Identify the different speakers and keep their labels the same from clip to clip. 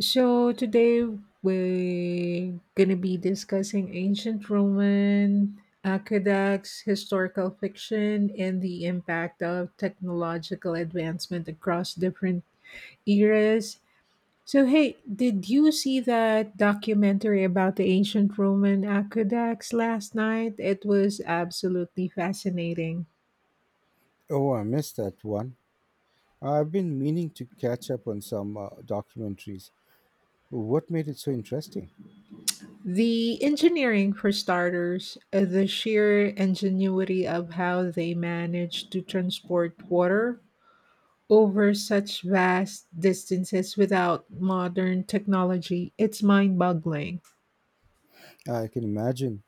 Speaker 1: So today we're gonna be discussing ancient Roman aqueducts, historical fiction, and the impact of technological advancement across different eras. So hey, did you see that documentary about the ancient Roman aqueducts last night? It was absolutely fascinating.
Speaker 2: Oh, I missed that one. I've been meaning to catch up on some documentaries. What made it so interesting?
Speaker 1: The engineering, for starters, the sheer ingenuity of how they managed to transport water over such vast distances without modern technology, it's mind boggling.
Speaker 2: I can imagine.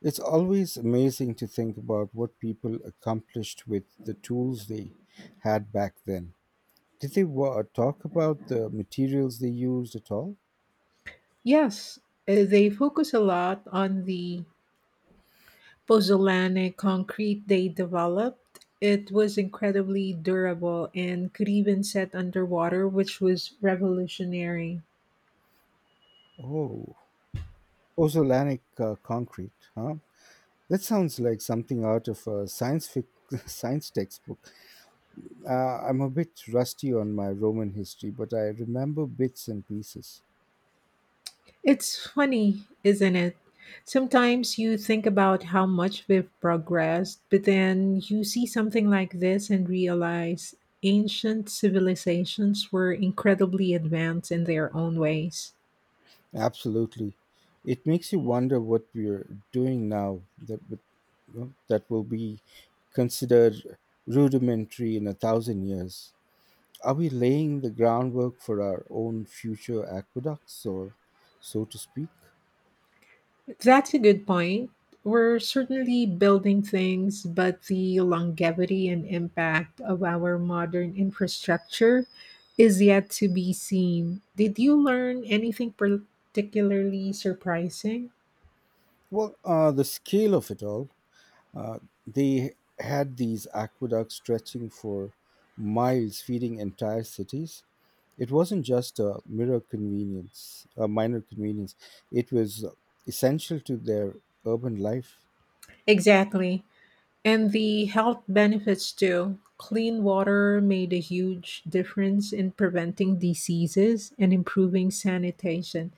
Speaker 2: It's always amazing to think about what people accomplished with the tools they had back then. Talk about the materials they used at all?
Speaker 1: Yes, they focus a lot on the pozzolanic concrete they developed. It was incredibly durable and could even set underwater, which was revolutionary.
Speaker 2: Oh, pozzolanic concrete, huh? That sounds like something out of a science textbook. I'm a bit rusty on my Roman history, but I remember bits and pieces.
Speaker 1: It's funny, isn't it? Sometimes you think about how much we've progressed, but then you see something like this and realize ancient civilizations were incredibly advanced in their own ways.
Speaker 2: Absolutely. It makes you wonder what we're doing now that would, that will be considered rudimentary in a thousand years. Are we laying the groundwork for our own future aqueducts, or so to speak?
Speaker 1: That's a good point. We're certainly building things, but the longevity and impact of our modern infrastructure is yet to be seen. Did you learn anything particularly surprising?
Speaker 2: Well, the scale of it all, uh, they had these aqueducts stretching for miles, feeding entire cities. It wasn't just a mirror convenience, A minor convenience. It was essential to their urban life.
Speaker 1: Exactly. And the health benefits too. Clean water made a huge difference in preventing diseases and improving sanitation.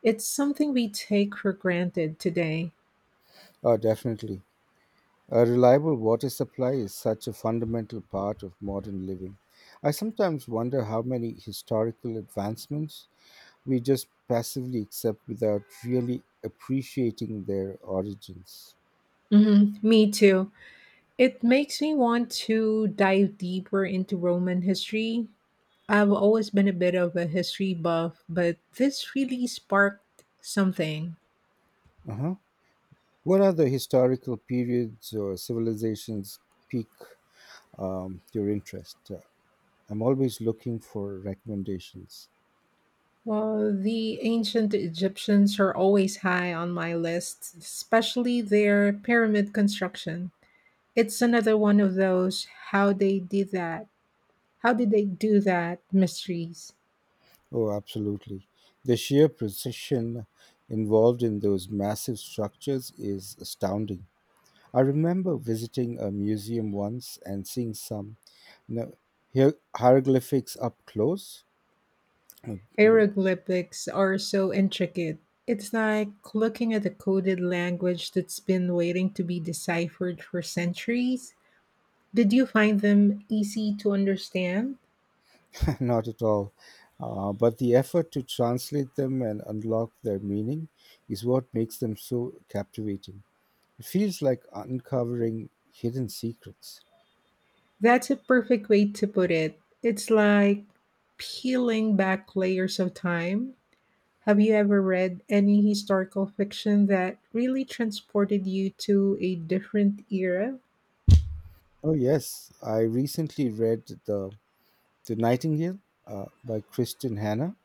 Speaker 1: It's something we take for granted today.
Speaker 2: Oh, definitely. A reliable water supply is such a fundamental part of modern living. I sometimes wonder how many historical advancements we just passively accept without really appreciating their origins.
Speaker 1: Me too. It makes me want to dive deeper into Roman history. I've always been a bit of a history buff, but this really sparked something.
Speaker 2: Uh-huh. What other historical periods or civilizations pique your interest? I'm always looking for recommendations.
Speaker 1: Well, the ancient Egyptians are always high on my list, especially their pyramid construction. It's another one of those how they did that, how did they do that mysteries.
Speaker 2: Oh, absolutely. The sheer precision involved in those massive structures is astounding. I remember visiting a museum once and seeing some you know, hieroglyphics up close. Uh,
Speaker 1: Hieroglyphics are so intricate. It's like looking at a coded language that's been waiting to be deciphered for centuries. Did you find them easy to understand?
Speaker 2: Not at all. But the effort to translate them and unlock their meaning is what makes them so captivating. It feels like uncovering hidden secrets.
Speaker 1: That's a perfect way to put it. It's like peeling back layers of time. Have you ever read any historical fiction that really transported you to a different era?
Speaker 2: Oh, yes. I recently read the Nightingale by Kristen Hanna,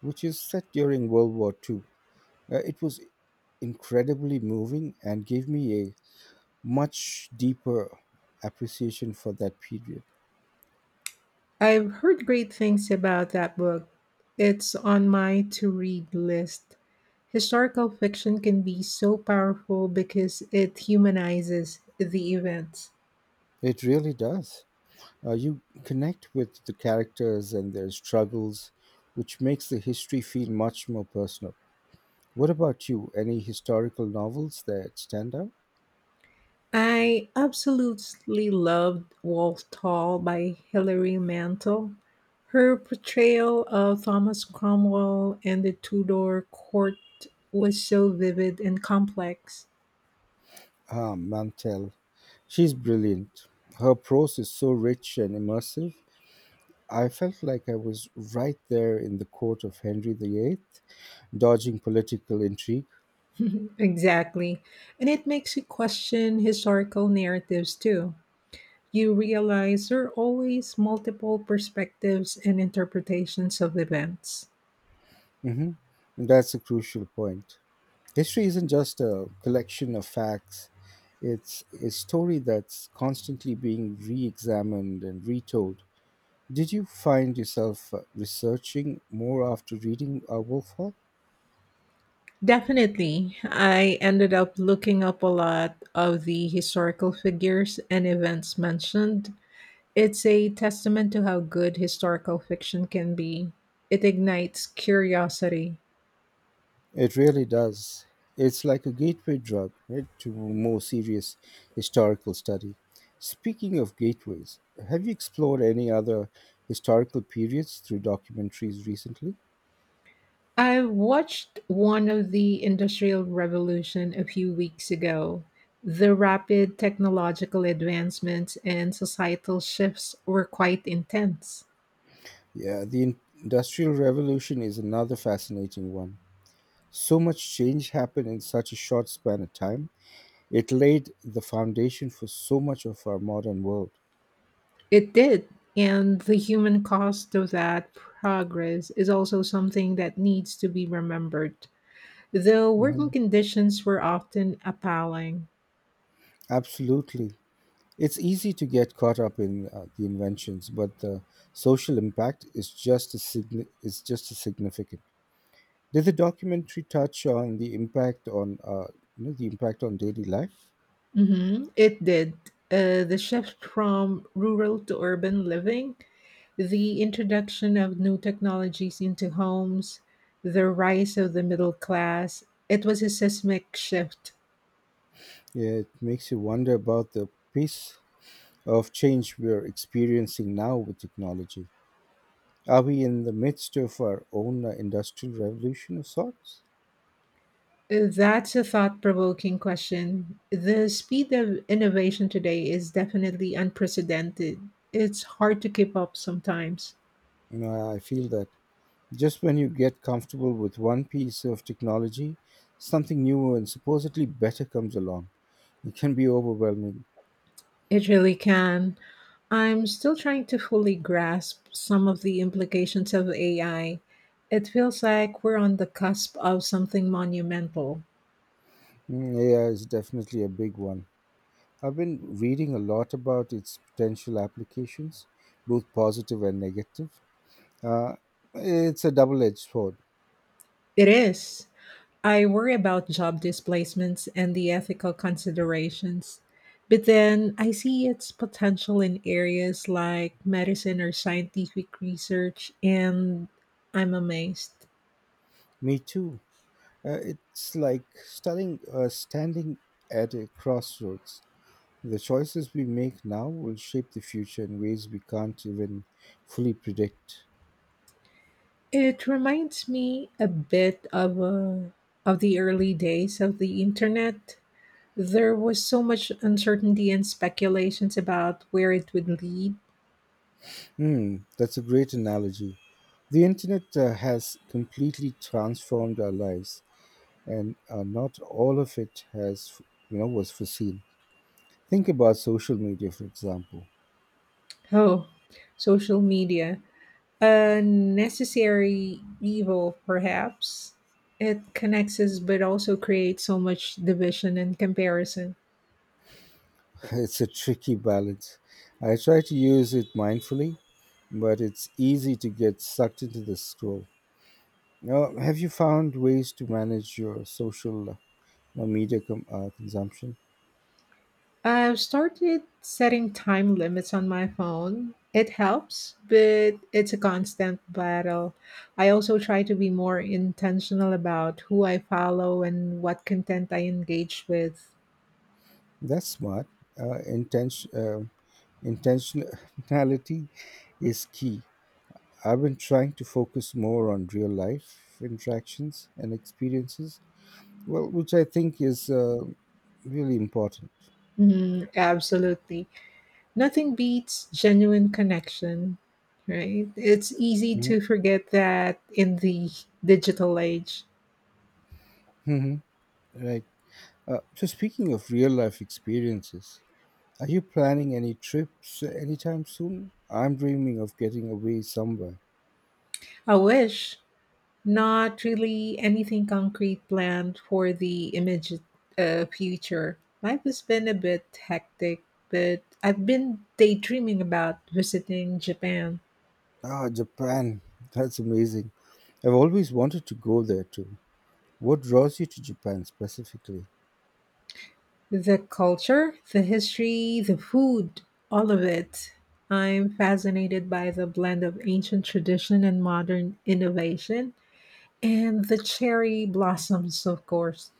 Speaker 2: which is set during World War Two. It was incredibly moving and gave me a much deeper appreciation for that period.
Speaker 1: I've heard great things about that book. It's on my to read list. Historical fiction can be so powerful because it humanizes the events.
Speaker 2: It really does. You connect with the characters and their struggles, which makes the history feel much more personal. What about you? Any historical novels that stand out?
Speaker 1: I absolutely loved Wolf Tall by Hilary Mantel. Her portrayal of Thomas Cromwell and the Tudor court was so vivid and complex.
Speaker 2: Ah, Mantel. She's brilliant. Her prose is so rich and immersive. I felt like I was right there in the court of Henry VIII, dodging political intrigue.
Speaker 1: Exactly. And it makes you question historical narratives too. You realize there are always multiple perspectives and interpretations of events.
Speaker 2: hmm That's a crucial point. History isn't just a collection of facts, it's a story that's constantly being re examined and retold. Did you find yourself researching more after reading Wolf Hall?
Speaker 1: Definitely, I ended up looking up a lot of the historical figures and events mentioned. It's a testament to how good historical fiction can be. It ignites curiosity.
Speaker 2: It really does. It's like a gateway drug, right, to more serious historical study. Speaking of gateways, have you explored any other historical periods through documentaries recently?
Speaker 1: I watched one of the Industrial Revolution a few weeks ago. The rapid technological advancements and societal shifts were quite intense.
Speaker 2: Yeah, the Industrial Revolution is another fascinating one. So much change happened in such a short span of time. It laid the foundation for so much of our modern world.
Speaker 1: It did, and the human cost of that progress is also something that needs to be remembered, though working
Speaker 2: Mhm.
Speaker 1: conditions were often appalling.
Speaker 2: Absolutely. It's easy to get caught up in the inventions, but the social impact is is just as significant. Did the documentary touch on the impact on the impact on daily life?
Speaker 1: Mhm, it did. The shift from rural to urban living, the introduction of new technologies into homes, the rise of the middle class, it was a seismic shift.
Speaker 2: Yeah, it makes you wonder about the pace of change we're experiencing now with technology. Are we in the midst of our own industrial revolution of sorts?
Speaker 1: That's a thought provoking question. The speed of innovation today is definitely unprecedented. It's hard to keep up sometimes.
Speaker 2: You know, I feel that. Just when you get comfortable with one piece of technology, something new and supposedly better comes along. It can be overwhelming.
Speaker 1: It really can. I'm still trying to fully grasp some of the implications of AI. It feels like we're on the cusp of something monumental.
Speaker 2: Mm, AI is definitely a big one. I've been reading a lot about its potential applications, both positive and negative. Uh, it's a double edged sword.
Speaker 1: It is. I worry about job displacements and the ethical considerations. But then I see its potential in areas like medicine or scientific research, and I'm amazed.
Speaker 2: Me too. It's like standing at a crossroads. The choices we make now will shape the future in ways we can't even fully predict.
Speaker 1: It reminds me a bit of, of the early days of the internet. There was so much uncertainty and speculations about where it would lead.
Speaker 2: Hmm, that's a great analogy. The internet has completely transformed our lives, and not all of it was foreseen. Think about social media, for example.
Speaker 1: Oh, social media. A necessary evil, perhaps. It connects us but also creates so much division and comparison.
Speaker 2: It's a tricky balance. I try to use it mindfully, but it's easy to get sucked into the scroll. Now, have you found ways to manage your social consumption?
Speaker 1: I've started setting time limits on my phone. It helps, but it's a constant battle. I also try to be more intentional about who I follow and what content I engage with.
Speaker 2: That's smart. Uh, intention, uh, Intentionality is key. I've been trying to focus more on real life interactions and experiences, well, which I think is really important.
Speaker 1: Mm, absolutely. Nothing beats genuine connection, right? It's easy
Speaker 2: Mm-hmm.
Speaker 1: to forget that in the digital age.
Speaker 2: Mm-hmm. Right. So, speaking of real life experiences, are you planning any trips anytime soon? I'm dreaming of getting away somewhere.
Speaker 1: I wish, not really anything concrete planned for the immediate future. Life has been a bit hectic, but I've been daydreaming about visiting Japan.
Speaker 2: Ah, Japan. That's amazing. I've always wanted to go there too. What draws you to Japan specifically?
Speaker 1: The culture, the history, the food, all of it. I'm fascinated by the blend of ancient tradition and modern innovation, and the cherry blossoms, of course.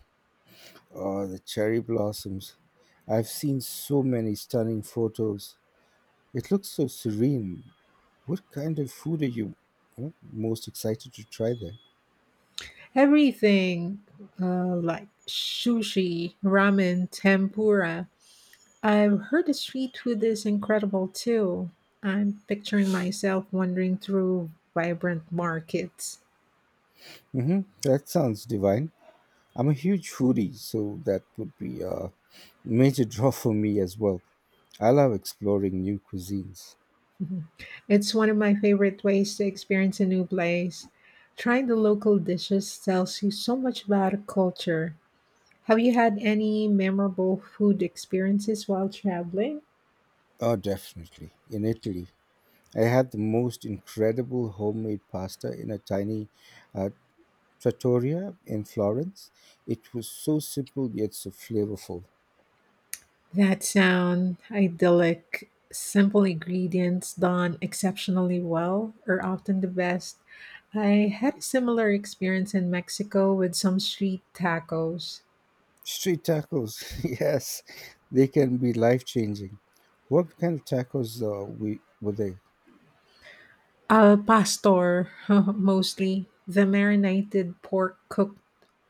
Speaker 2: Oh, the cherry blossoms. I've seen so many stunning photos. It looks so serene. What kind of food are you most excited to try there?
Speaker 1: Everything, like sushi, ramen, tempura. I've heard the street food is incredible too. I'm picturing myself wandering through vibrant markets.
Speaker 2: That sounds divine. I'm a huge foodie, so that would be a major draw for me as well. I love exploring new cuisines.
Speaker 1: It's one of my favorite ways to experience a new place. Trying the local dishes tells you so much about a culture. Have you had any memorable food experiences while traveling?
Speaker 2: Oh, definitely. In Italy, I had the most incredible homemade pasta in a tiny uh, trattoria in Florence. It was so simple yet so flavorful.
Speaker 1: That sound idyllic. Simple ingredients done exceptionally well are often the best. I had a similar experience in Mexico with some street tacos.
Speaker 2: Street tacos, yes, they can be life changing. What kind of tacos we were they?
Speaker 1: Al pastor, mostly. The marinated pork cooked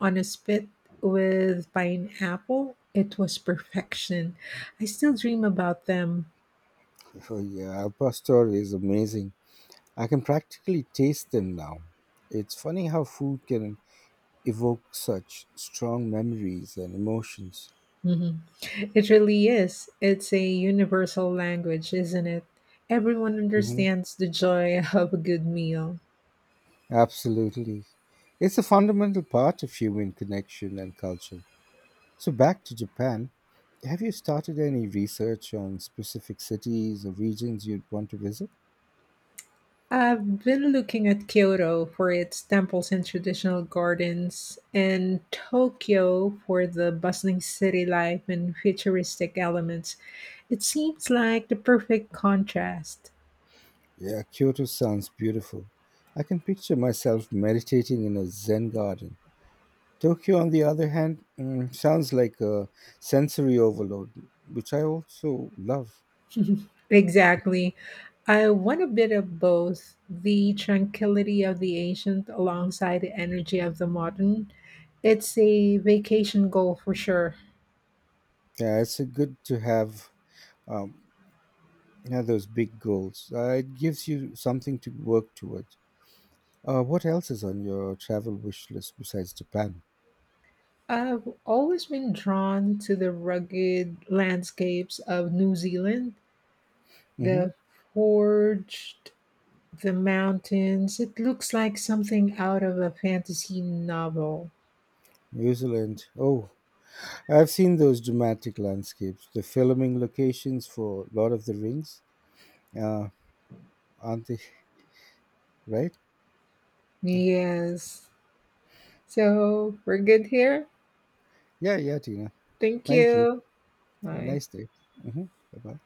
Speaker 1: on a spit with pineapple. It was perfection. I still dream about them.
Speaker 2: Oh yeah, al pastor is amazing. I can practically taste them now. It's funny how food can evoke such strong memories and emotions.
Speaker 1: Mhm. It really is. It's a universal language, isn't it? Everyone
Speaker 2: hmm
Speaker 1: understands the joy of a good meal.
Speaker 2: Absolutely. It's a fundamental part of human connection and culture. So back to Japan, have you started any research on specific cities or regions you'd want to visit?
Speaker 1: I've been looking at Kyoto for its temples and traditional gardens, and Tokyo for the bustling city life and futuristic elements. It seems like the perfect contrast.
Speaker 2: Yeah, Kyoto sounds beautiful. I can picture myself meditating in a Zen garden. Tokyo, on the other hand, mm, sounds like a sensory overload, which I also love.
Speaker 1: Exactly. I want a bit of both, the tranquility of the ancient alongside the energy of the modern. It's a vacation goal for sure.
Speaker 2: Yeah, it's a good to have um, yeah, those big goals. It gives you something to work towards. What else is on your travel wish list besides Japan?
Speaker 1: I've always been drawn to the rugged landscapes of New Zealand.
Speaker 2: hmm
Speaker 1: The forged, the mountains. It looks like something out of a fantasy novel.
Speaker 2: New Zealand. Oh, I've seen those dramatic landscapes, the filming locations for Lord of the Rings, uh, aren't they? Right?
Speaker 1: Yes. So we're good here.
Speaker 2: Yeah, yeah, Tina.
Speaker 1: Thank
Speaker 2: Thank you.
Speaker 1: you.
Speaker 2: Have a
Speaker 1: Bye.
Speaker 2: nice day. hmm Bye bye.